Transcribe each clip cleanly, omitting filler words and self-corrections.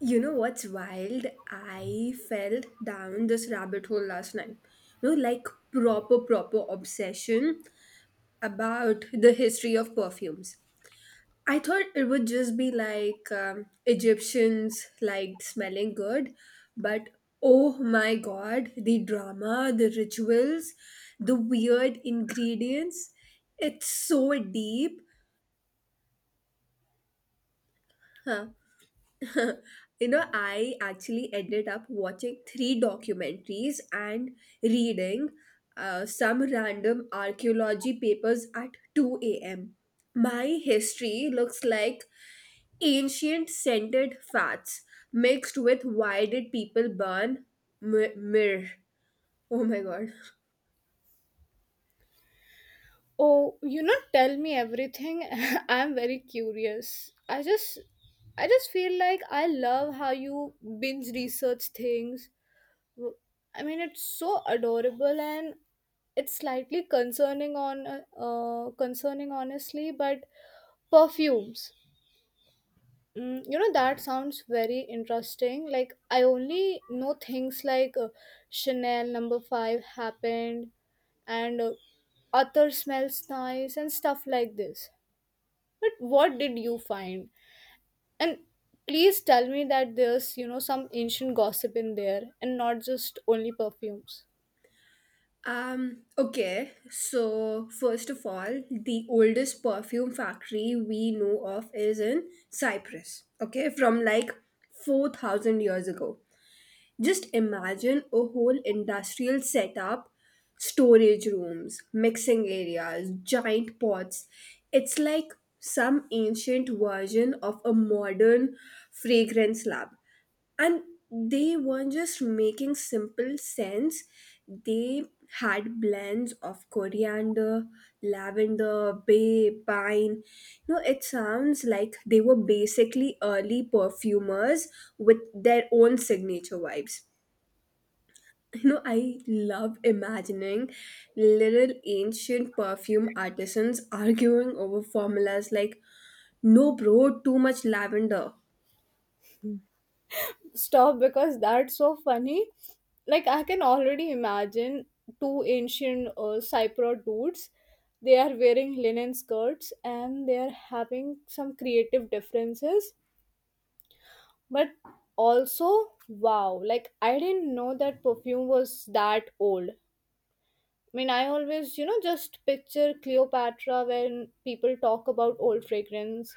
You know what's wild? I fell down this rabbit hole last night. You know, like proper obsession about the history of perfumes. I thought it would just be like Egyptians liked smelling good, but oh my god, the drama, the rituals, the weird ingredients. It's so deep. Huh? You know, I actually ended up watching three documentaries and reading some random archaeology papers at 2 a.m. My history looks like ancient scented fats mixed with why did people burn myrrh? Oh my god. Oh, you not tell me everything. I'm very curious. I just feel like I love how you binge research things. W- I mean, it's so adorable and it's slightly concerning on concerning honestly, but perfumes. Mm, you know, that sounds very interesting. Like, I only know things like Chanel No. 5 happened and Arthur smells nice and stuff like this. But what did you find? And please tell me that there's, you know, some ancient gossip in there and not just only perfumes. Okay, so first of all, the oldest perfume factory we know of is in Cyprus, okay, from like 4,000 years ago. Just imagine a whole industrial setup, storage rooms, mixing areas, giant pots. It's like some ancient version of a modern fragrance lab, and they weren't just making simple scents. They had blends of coriander, lavender, bay, pine. You know, it sounds like they were basically early perfumers with their own signature vibes. You know, I love imagining little ancient perfume artisans arguing over formulas like no bro, too much lavender. Stop because that's so funny. Like I can already imagine two ancient Cypriot dudes. They are wearing linen skirts and they are having some creative differences. But also, wow! Like I didn't know that perfume was that old. I mean, I always, you know, just picture Cleopatra when people talk about old fragrance.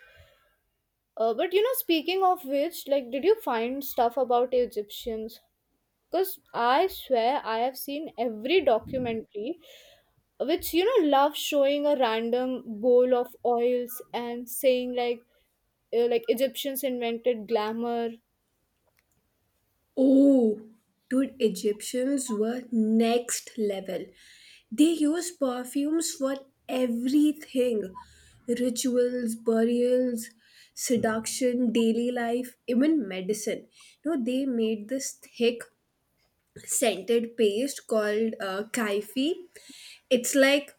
But you know, speaking of which, like, did you find stuff about Egyptians? Because I swear I have seen every documentary which, you know, love showing a random bowl of oils and saying like Egyptians invented glamour. Oh, dude, Egyptians were next level. They used perfumes for everything: rituals, burials, seduction, daily life, even medicine. You know, they made this thick scented paste called kaifi. It's like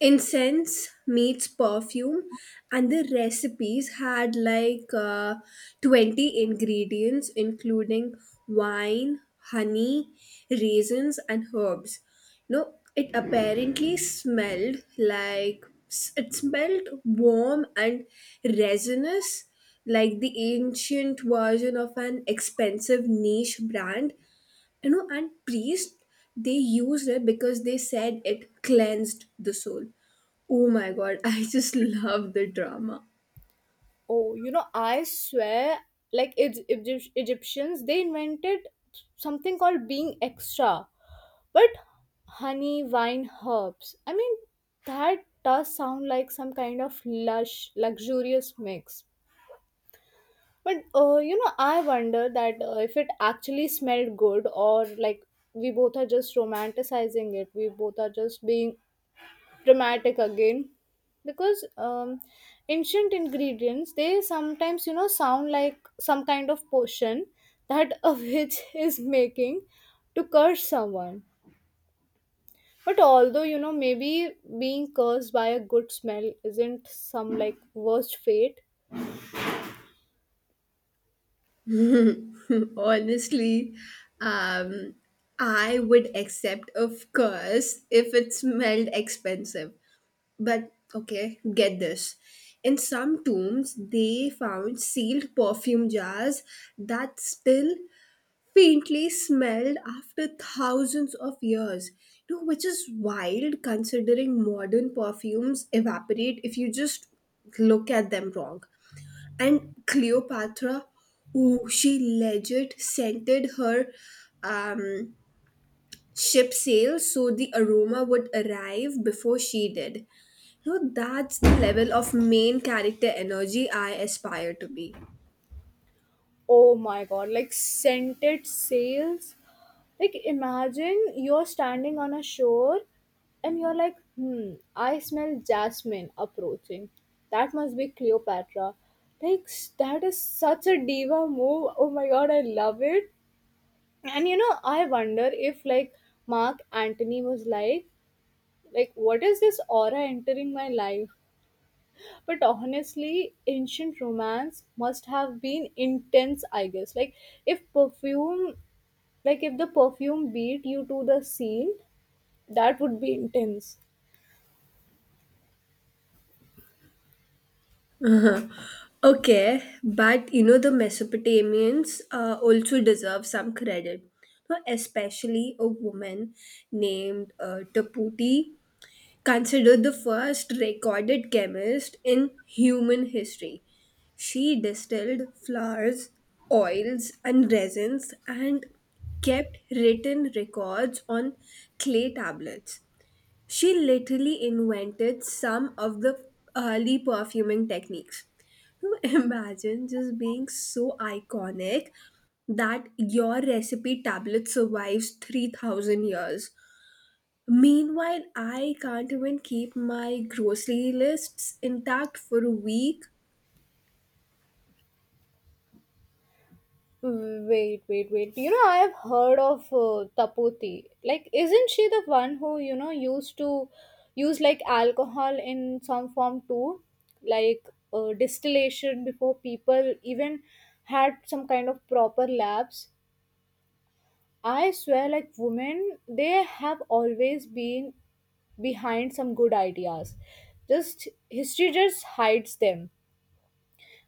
incense meets perfume, and the recipes had like 20 ingredients, including wine, honey, raisins, and herbs. You know, it apparently smelled like it smelled warm and resinous, like the ancient version of an expensive niche brand. You know, and priest they used it because they said it cleansed the soul. Oh my god. I just love the drama. Oh, you know, I swear like Egyptians, they invented something called being extra. But honey, wine, herbs. I mean, that does sound like some kind of lush, luxurious mix. But you know, I wonder that if it actually smelled good, or like we both are just romanticizing it. We both are just being dramatic again, because ancient ingredients they sometimes you know sound like some kind of potion that a witch is making to curse someone. But although you know, maybe being cursed by a good smell isn't some like worst fate. Honestly, um I would accept, of course, if it smelled expensive. But okay, get this: in some tombs they found sealed perfume jars that still faintly smelled after thousands of years, you know, which is wild considering modern perfumes evaporate if you just look at them wrong. And Cleopatra, ooh, she legit scented her um, ship sails so the aroma would arrive before she did. You know, that's the level of main character energy I aspire to be. Oh my god, like scented sails. Like imagine you're standing on a shore and you're like, hmm, I smell jasmine approaching. That must be Cleopatra. Like that is such a diva move. Oh my god, I love it. And you know, I wonder if like Mark Antony was like what is this aura entering my life? But honestly, ancient romance must have been intense, I guess. If perfume like if the perfume beat you to the scene, that would be intense. Okay, but you know the Mesopotamians also deserve some credit. Now, especially a woman named Taputi, considered the first recorded chemist in human history. She distilled flowers, oils, and resins, and kept written records on clay tablets. She literally invented some of the early perfuming techniques. To imagine just being so iconic that your recipe tablet survives 3,000 years. Meanwhile, I can't even keep my grocery lists intact for a week. Wait, wait, wait. You know, I have heard of Tapoti. Like, isn't she the one who, you know, used to use like alcohol in some form too? Like distillation before people even had some kind of proper labs. I swear, like women, they have always been behind some good ideas. Just history just hides them.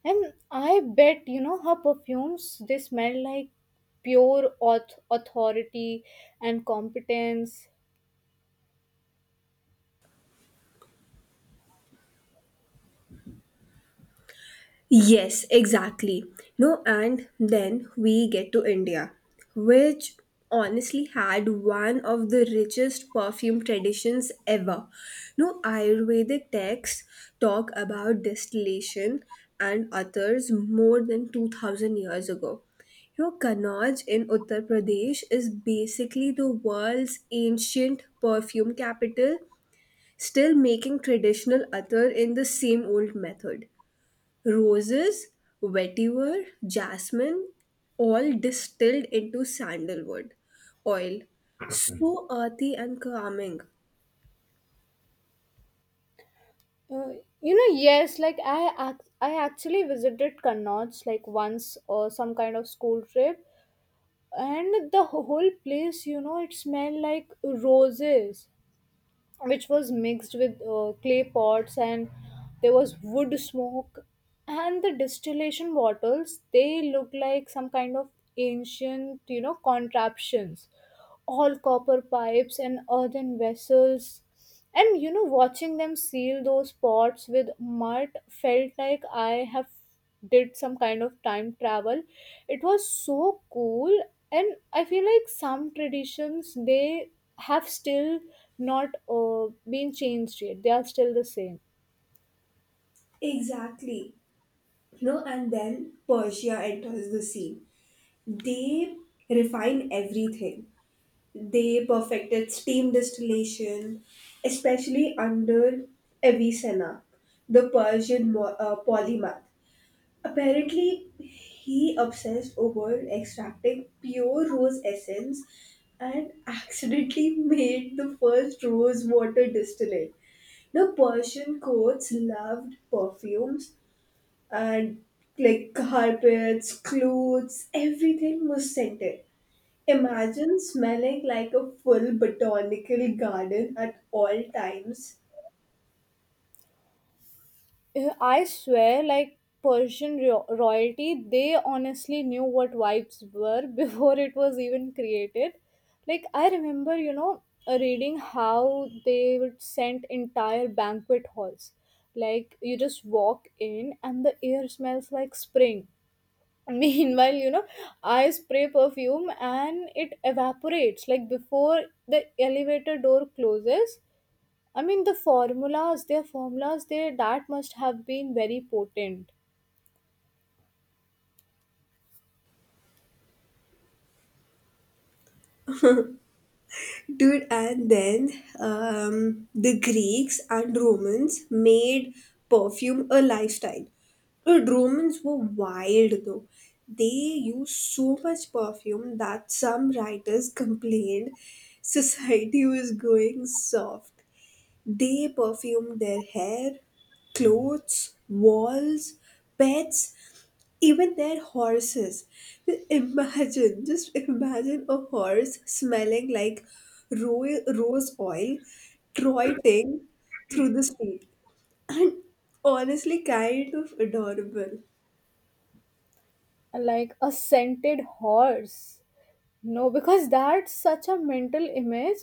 And I bet, you know, her perfumes, they smell like authority and competence. Yes, exactly. No, and then we get to India, which honestly had one of the richest perfume traditions ever. No, Ayurvedic texts talk about distillation and others more than 2000 years ago. Your Kanauj in Uttar Pradesh is basically the world's ancient perfume capital, still making traditional attar in the same old method. Roses, vetiver, jasmine, all distilled into sandalwood oil. So earthy and calming. Uh, you know, yes, like I actually visited Kannauj like once or some kind of school trip, and the whole place, you know, it smelled like roses which was mixed with clay pots and there was wood smoke and the distillation bottles they looked like some kind of ancient you know contraptions, all copper pipes and earthen vessels. And you know, watching them seal those pots with mud felt like I have did some kind of time travel. It was so cool, and I feel like some traditions they have still not been changed yet. They are still the same. Exactly. No, and then Persia enters the scene. They refine everything. They perfected steam distillation, especially under Avicenna, the Persian polymath. Apparently, he obsessed over extracting pure rose essence and accidentally made the first rose water distillate. Now, Persian courts loved perfumes, and like carpets, clothes, everything was scented. Imagine smelling like a full botanical garden at all times. I swear, like royalty, they honestly knew what vibes were before it was even created. Like, I remember, you know, reading how they would send entire banquet halls. Like, you just walk in and the air smells like spring. Meanwhile, you know, I spray perfume and it evaporates. Like, before the elevator door closes, I mean their formulas, they that must have been very potent, Dude, and then the Greeks and Romans made perfume a lifestyle. Dude, Romans were wild though. They used so much perfume that some writers complained society was going soft. They perfumed their hair, clothes, walls, pets, even their horses. Imagine, just imagine a horse smelling like rose oil trotting through the street. And honestly, kind of adorable. like a scented horse. No, because that's such a mental image,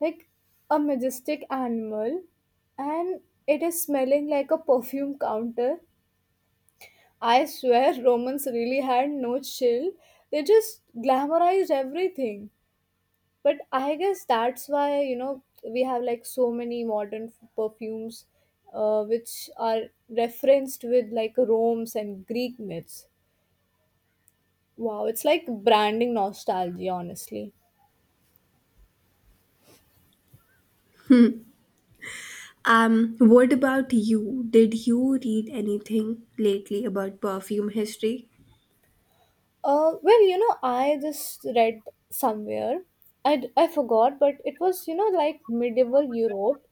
like a majestic animal, and it is smelling like a perfume counter. I swear Romans really had no chill. They just glamorized everything. But I guess that's why, you know, we have like so many modern perfumes which are referenced with like Rome's and Greek myths. Wow, it's like branding nostalgia, honestly. What about you? Did you read anything lately about perfume history? Well, you know, I just read somewhere, I forgot, but it was, you know, like medieval Europe,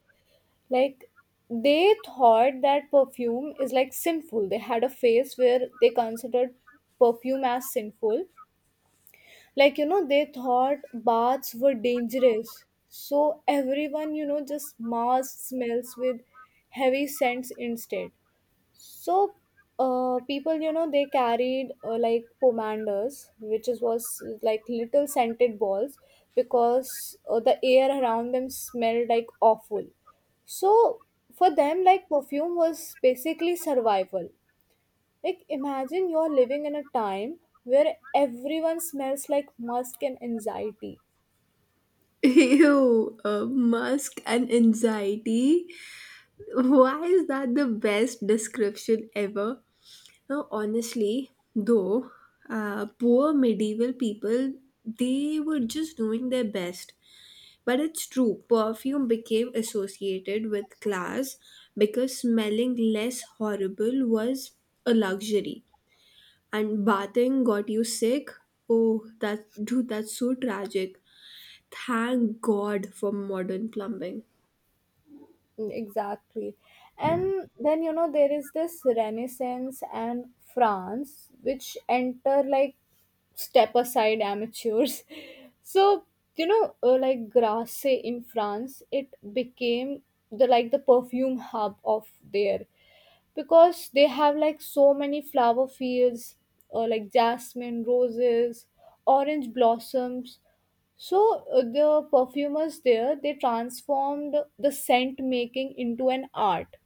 like they thought that perfume is like sinful. They had a phase where they considered perfume as sinful, like you know they thought baths were dangerous, so everyone you know just masked smells with heavy scents instead. So people you know they carried like pomanders which is was like little scented balls, because the air around them smelled like awful. So for them like perfume was basically survival, like, imagine you're living in a time where everyone smells like musk and anxiety. Ew, musk and anxiety. Why is that the best description ever? Now, honestly, though, poor medieval people, they were just doing their best. But it's true, perfume became associated with class because smelling less horrible was a luxury. And bathing got you sick? Oh, that, dude, that's so tragic. Thank God for modern plumbing. Mm, exactly. And then, you know, there is this Renaissance and France, which enter like step aside amateurs. So, you know, like Grasse in France, it became the like the perfume hub of there because they have like so many flower fields, like jasmine, roses, orange blossoms, so the perfumers there they transformed the scent making into an art.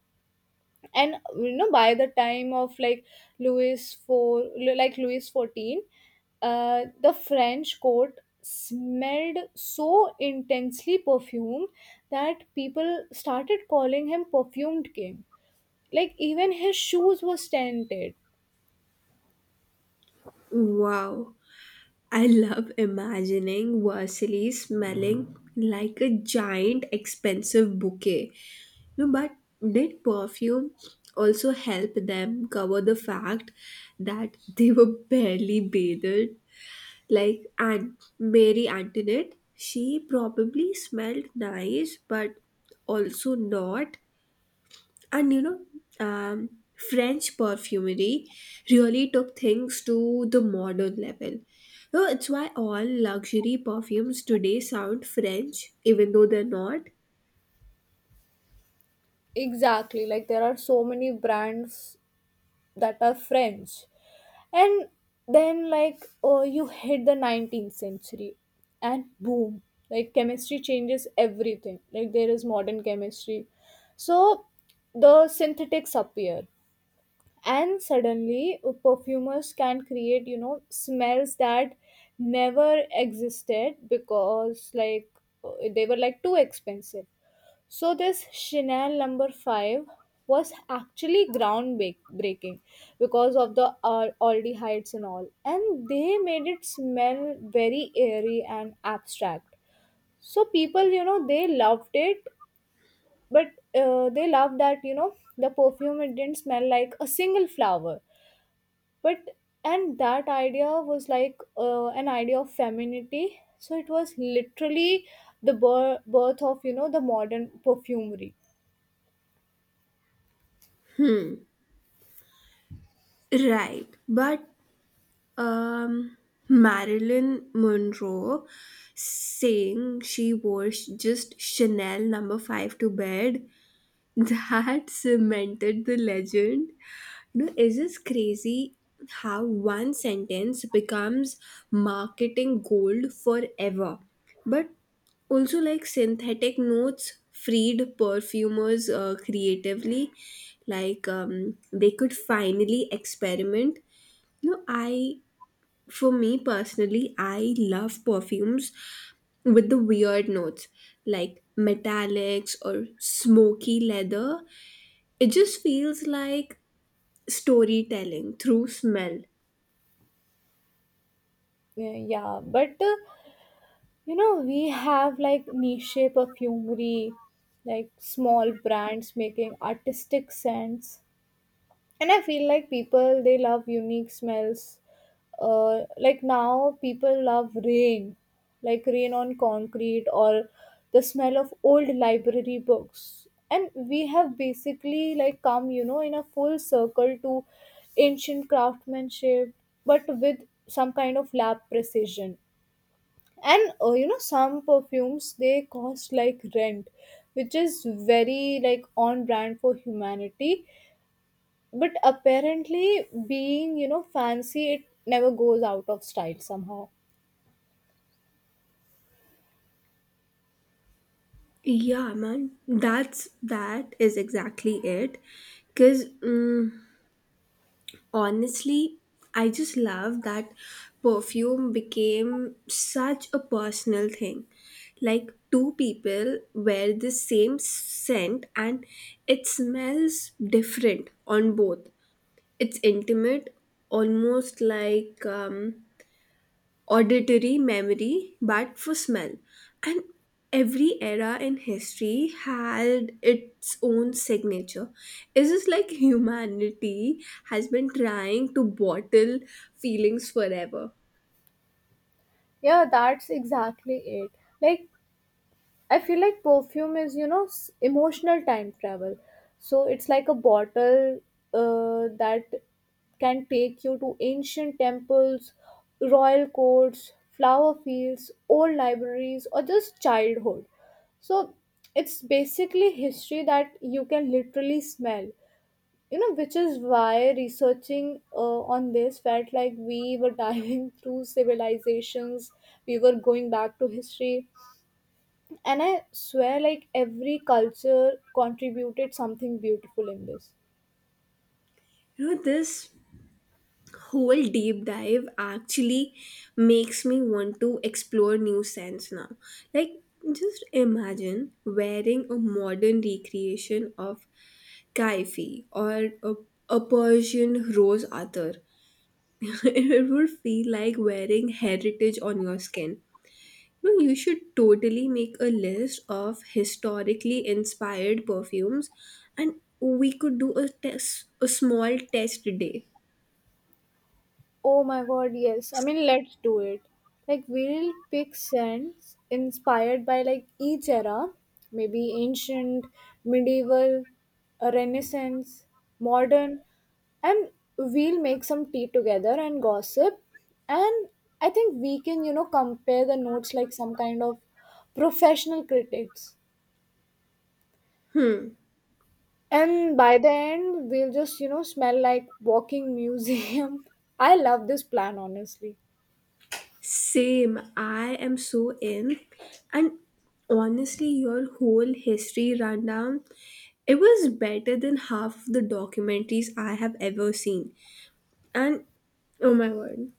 And you know by the time of like Louis four Louis 14, the French court smelled so intensely perfumed that people started calling him perfumed king. Like even his shoes were scented. Wow. I love imagining Vasily smelling like a giant expensive bouquet. No, but did perfume also help them cover the fact that they were barely bathed? Like, and Mary Antoinette, she probably smelled nice but also not. And you know, um, french perfumery really took things to the modern level. So it's why all luxury perfumes today sound french even though they're not. Exactly. Like there are so many brands that are French. And then, like, you hit the 19th century, and boom, like, chemistry changes everything. Like, there is modern chemistry. So, the synthetics appear, and suddenly, perfumers can create, you know, smells that never existed because, like, they were like too expensive, so this Chanel No. 5 was actually breaking because of the aldehydes and all, and they made it smell very airy and abstract. So people, you know, they loved it, but they loved that you know the perfume it didn't smell like a single flower, but and that idea was like an idea of femininity. So it was literally the birth of you know the modern perfumery. Right, but um Marilyn Monroe saying she wore just Chanel number 5 to bed, that cemented the legend. You know, is this crazy how one sentence becomes marketing gold forever? But also, like synthetic notes freed perfumers creatively, like they could finally experiment. You know, for me personally, I love perfumes with the weird notes like metallics or smoky leather. It just feels like storytelling through smell. Yeah, yeah, but you know, we have like niche perfumery, like small brands making artistic scents. And I feel like people they love unique smells. Like now people love rain, like rain on concrete or the smell of old library books. And we have basically like come, you know, in a full circle to ancient craftsmanship, but with some kind of lab precision and you know some perfumes they cost like rent, which is very like on brand for humanity, but apparently being you know fancy it never goes out of style somehow. Yeah, man, that's that is exactly it. Because honestly, I just love that perfume became such a personal thing. Like, two people wear the same scent and it smells different on both. It's intimate, almost like auditory memory but for smell. And every era in history had its own signature. It's just like humanity has been trying to bottle feelings forever. Yeah, that's exactly it. Like I feel like perfume is, you know, emotional time travel. So it's like a bottle that can take you to ancient temples, royal courts, flower fields, old libraries, or just childhood. So it's basically history that you can literally smell. You know, which is why researching on this felt like we were diving through civilizations, we were going back to history and I swear, like, every culture contributed something beautiful in this. You know, this whole deep dive actually makes me want to explore new scents now. Like, just imagine wearing a modern recreation of Kaifi or a Persian rose attar. It would feel like wearing heritage on your skin. No, you should totally make a list of historically inspired perfumes, and we could do a small test day. Oh my god, yes. I mean, let's do it. Like, we'll pick scents inspired by, like, each era. Maybe ancient, medieval, a renaissance, modern. And we'll make some tea together and gossip. And I think we can, you know, compare the notes like some kind of professional critics. And by the end, we'll just, you know, smell like walking museum. I love this plan, honestly. Same, I am so in. And honestly, your whole history rundown, it was better than half the documentaries I have ever seen. And oh my word.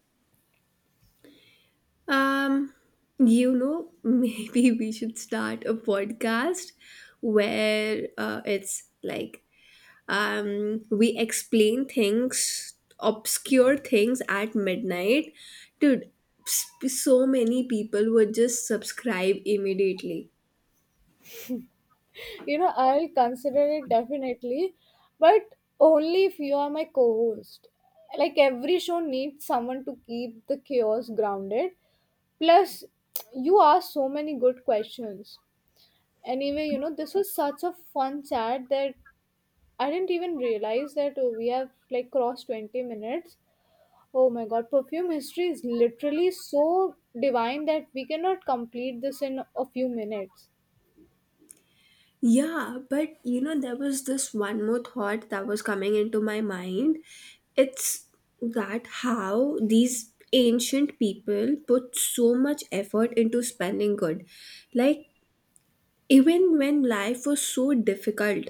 Um, you know, maybe we should start a podcast where it's like we explain things obscure things at midnight. Dude, so many people would just subscribe immediately. You know, I'll consider it definitely, but only if you are my co-host. Like every show needs someone to keep the chaos grounded. Plus, you asked so many good questions. Anyway, you know, this was such a fun chat that I didn't even realize that oh, we have like crossed 20 minutes. Oh my god, perfume history is literally so divine that we cannot complete this in a few minutes. Yeah, but you know there was this one more thought that was coming into my mind. It's that how these ancient people put so much effort into spelling good. Like, even when life was so difficult,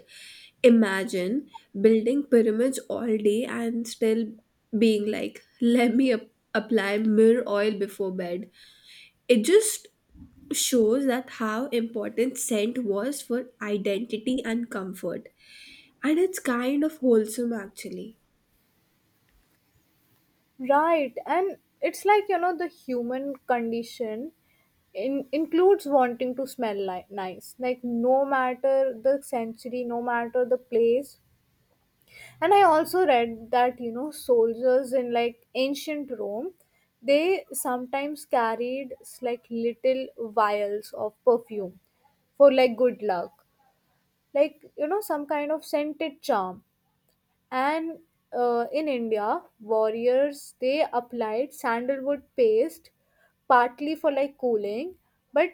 imagine building pyramids all day and still being like, let me apply myrrh oil before bed. It just shows that how important scent was for identity and comfort. And it's kind of wholesome actually. Right, and it's like you know the human condition includes wanting to smell nice, like no matter the century, no matter the place. And I also read that you know soldiers in like ancient Rome, they sometimes carried like little vials of perfume for like good luck, like you know some kind of scented charm. And in india warriors they applied sandalwood paste partly for like cooling, but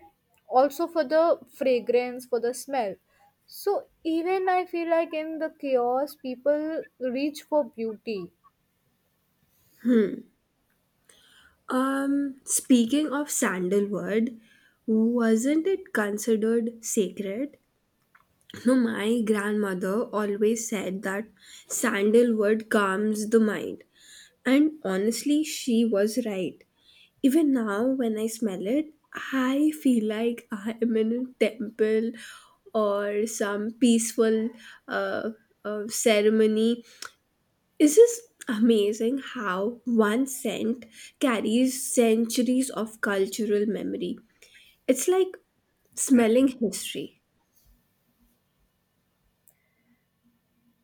also for the fragrance, for the smell. So even I feel like in the chaos people reach for beauty. Speaking of sandalwood, wasn't it considered sacred? No, my grandmother always said that sandalwood calms the mind. And honestly, she was right. Even now, when I smell it, I feel like I am in a temple or some peaceful uh, ceremony. It's just amazing how one scent carries centuries of cultural memory. It's like smelling history.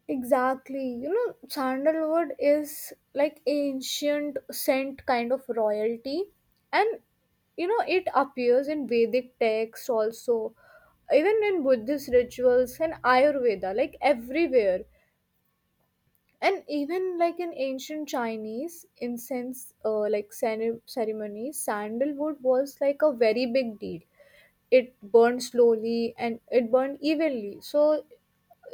Exactly. You know, sandalwood is like ancient scent kind of royalty, and you know it appears in Vedic texts also, even in Buddhist rituals and Ayurveda, like everywhere. And even like in ancient chinese incense like ceremony sandalwood was like a very big deal. It burned slowly and it burned evenly, so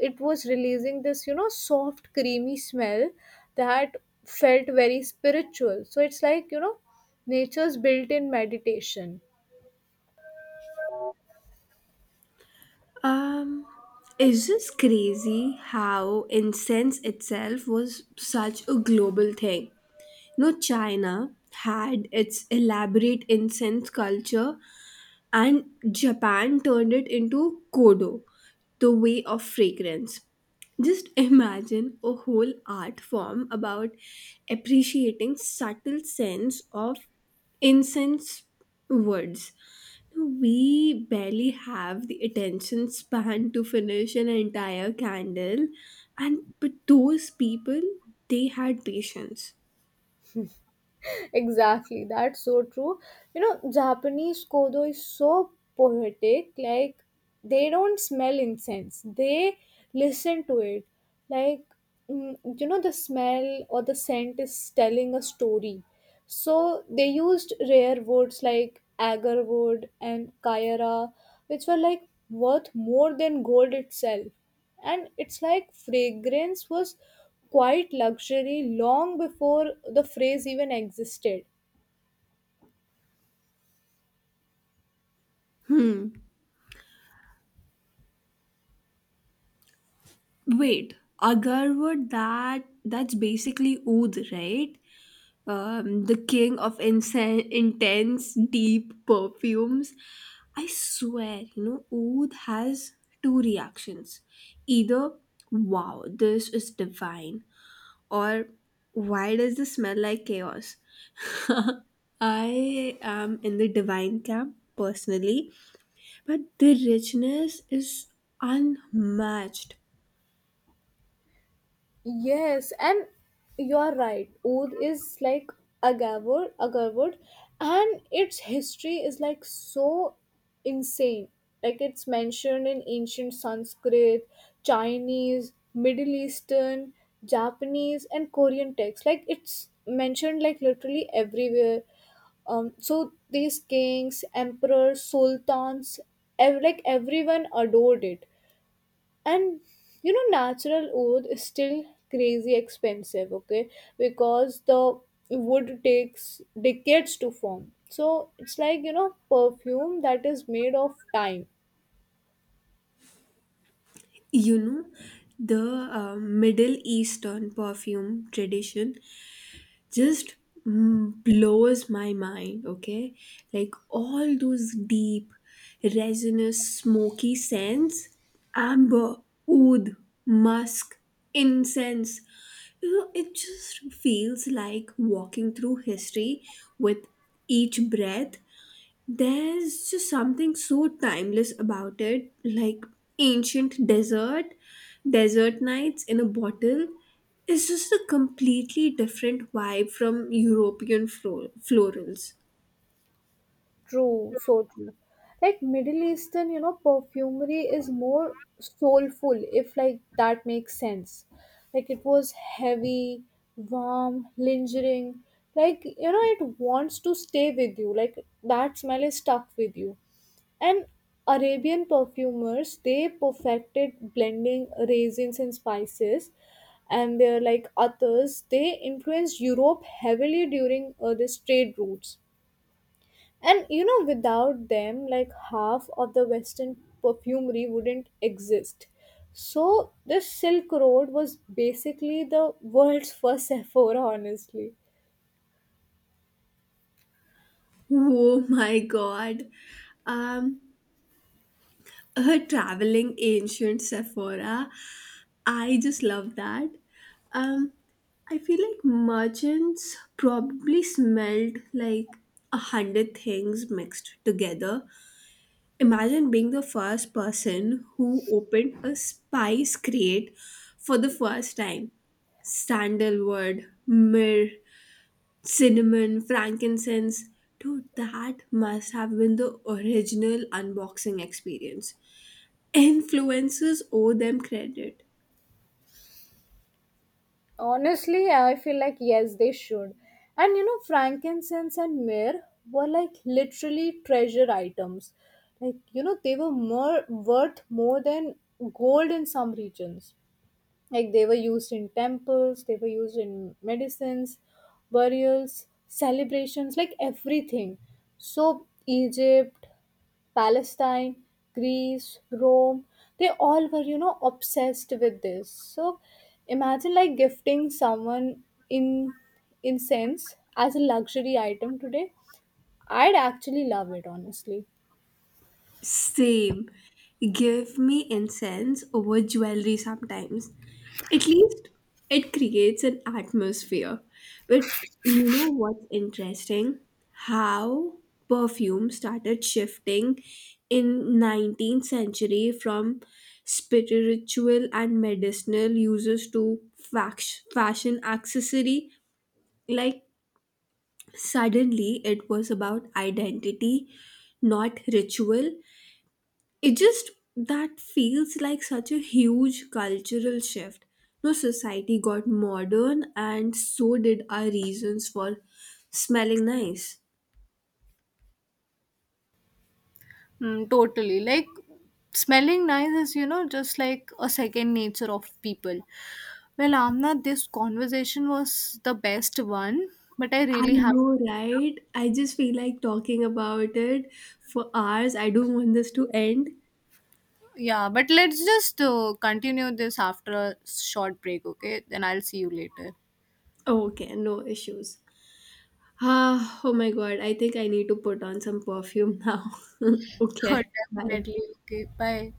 it was releasing this you know soft creamy smell that felt very spiritual. So it's like you know nature's built in meditation. Um, it's just crazy how incense itself was such a global thing. No, China had its elaborate incense culture, and Japan turned it into Kodo, the way of fragrance. Just imagine a whole art form about appreciating subtle sense of incense woods. So, we barely have the attention span to finish an entire candle, and but those people, they had patience. Exactly, that's so true. You know japanese kodo is so poetic, like they don't smell incense, they listen to it, like mm, you know the smell or the scent is telling a story. So they used rare woods like agar wood and kayara, which were like worth more than gold itself. And it's like fragrance was quite luxury long before the phrase even existed. Hmm. Wait, agarwood, that's basically oud, right? The king of intense, deep perfumes. I swear, you know, oud has two reactions: either wow, this is divine, or why does this smell like chaos? I am in the divine camp personally, but the richness is unmatched. Yes, and you're right. Oud is like agave, agave wood, and its history is like so insane. Like it's mentioned in ancient Sanskrit, Chinese, Middle Eastern, Japanese, and Korean texts. Like it's mentioned like literally everywhere. So these kings, emperors, sultans, like everyone adored it. And you know natural wood is still crazy expensive, okay, because the wood takes decades to form, so it's like you know perfume that is made of time. You know, the Middle Eastern perfume tradition just mm, blows my mind, okay. Like all those deep resinous smoky scents, amber, oud, musk, incense, you know, it just feels like walking through history with each breath. There's just something so timeless about it, like ancient desert nights in a bottle. It's just a completely different vibe from European florals. True, so true. Like Middle Eastern, you know, perfumery is more soulful, if like that makes sense. Like it was heavy, warm, lingering. Like, you know, it wants to stay with you. Like that smell is stuck with you. And Arabian perfumers, they perfected blending raisins and spices. And they're like others, they influenced Europe heavily during the trade routes, and you know, without them, like half of the Western perfumery wouldn't exist. So, this Silk Road was basically the world's first Sephora, honestly. Oh my god. Um, Her traveling ancient Sephora. I just love that. Um, I feel like merchants probably smelled like a hundred things mixed together. Imagine being the first person who opened a spice crate for the first time. Sandalwood, myrrh, cinnamon, frankincense. Dude, that must have been the original unboxing experience. Influencers owe them credit. Honestly, I feel like yes, they should. And you know, frankincense and myrrh were like literally treasure items. Like, you know, they were more worth more than gold in some regions. Like they were used in temples, they were used in medicines, burials, celebrations, like everything. So, Egypt, Palestine, Greece, Rome, they all were, you know, obsessed with this. So, imagine like gifting someone in incense as a luxury item today. I'd actually love it, honestly. Same. Give me incense over jewelry sometimes. At least it creates an atmosphere. But you know what's interesting? How perfume started shifting in 19th century from spiritual and medicinal uses to fashion accessory. Like suddenly it was about identity, not ritual. It just, that feels like such a huge cultural shift. No, society got modern and so did our reasons for smelling nice. Mm, totally. Like smelling nice is, you know, just like a second nature of people. Well, Amna, this conversation was the best one, but I I really have know, right? I just feel like talking about it for hours. I don't want this to end. Yeah, but let's just continue this after a short break, okay? Then I'll see you later. Okay, no issues. Ah, oh my god, I think I need to put on some perfume now. Okay, bye. Definitely. Okay, bye.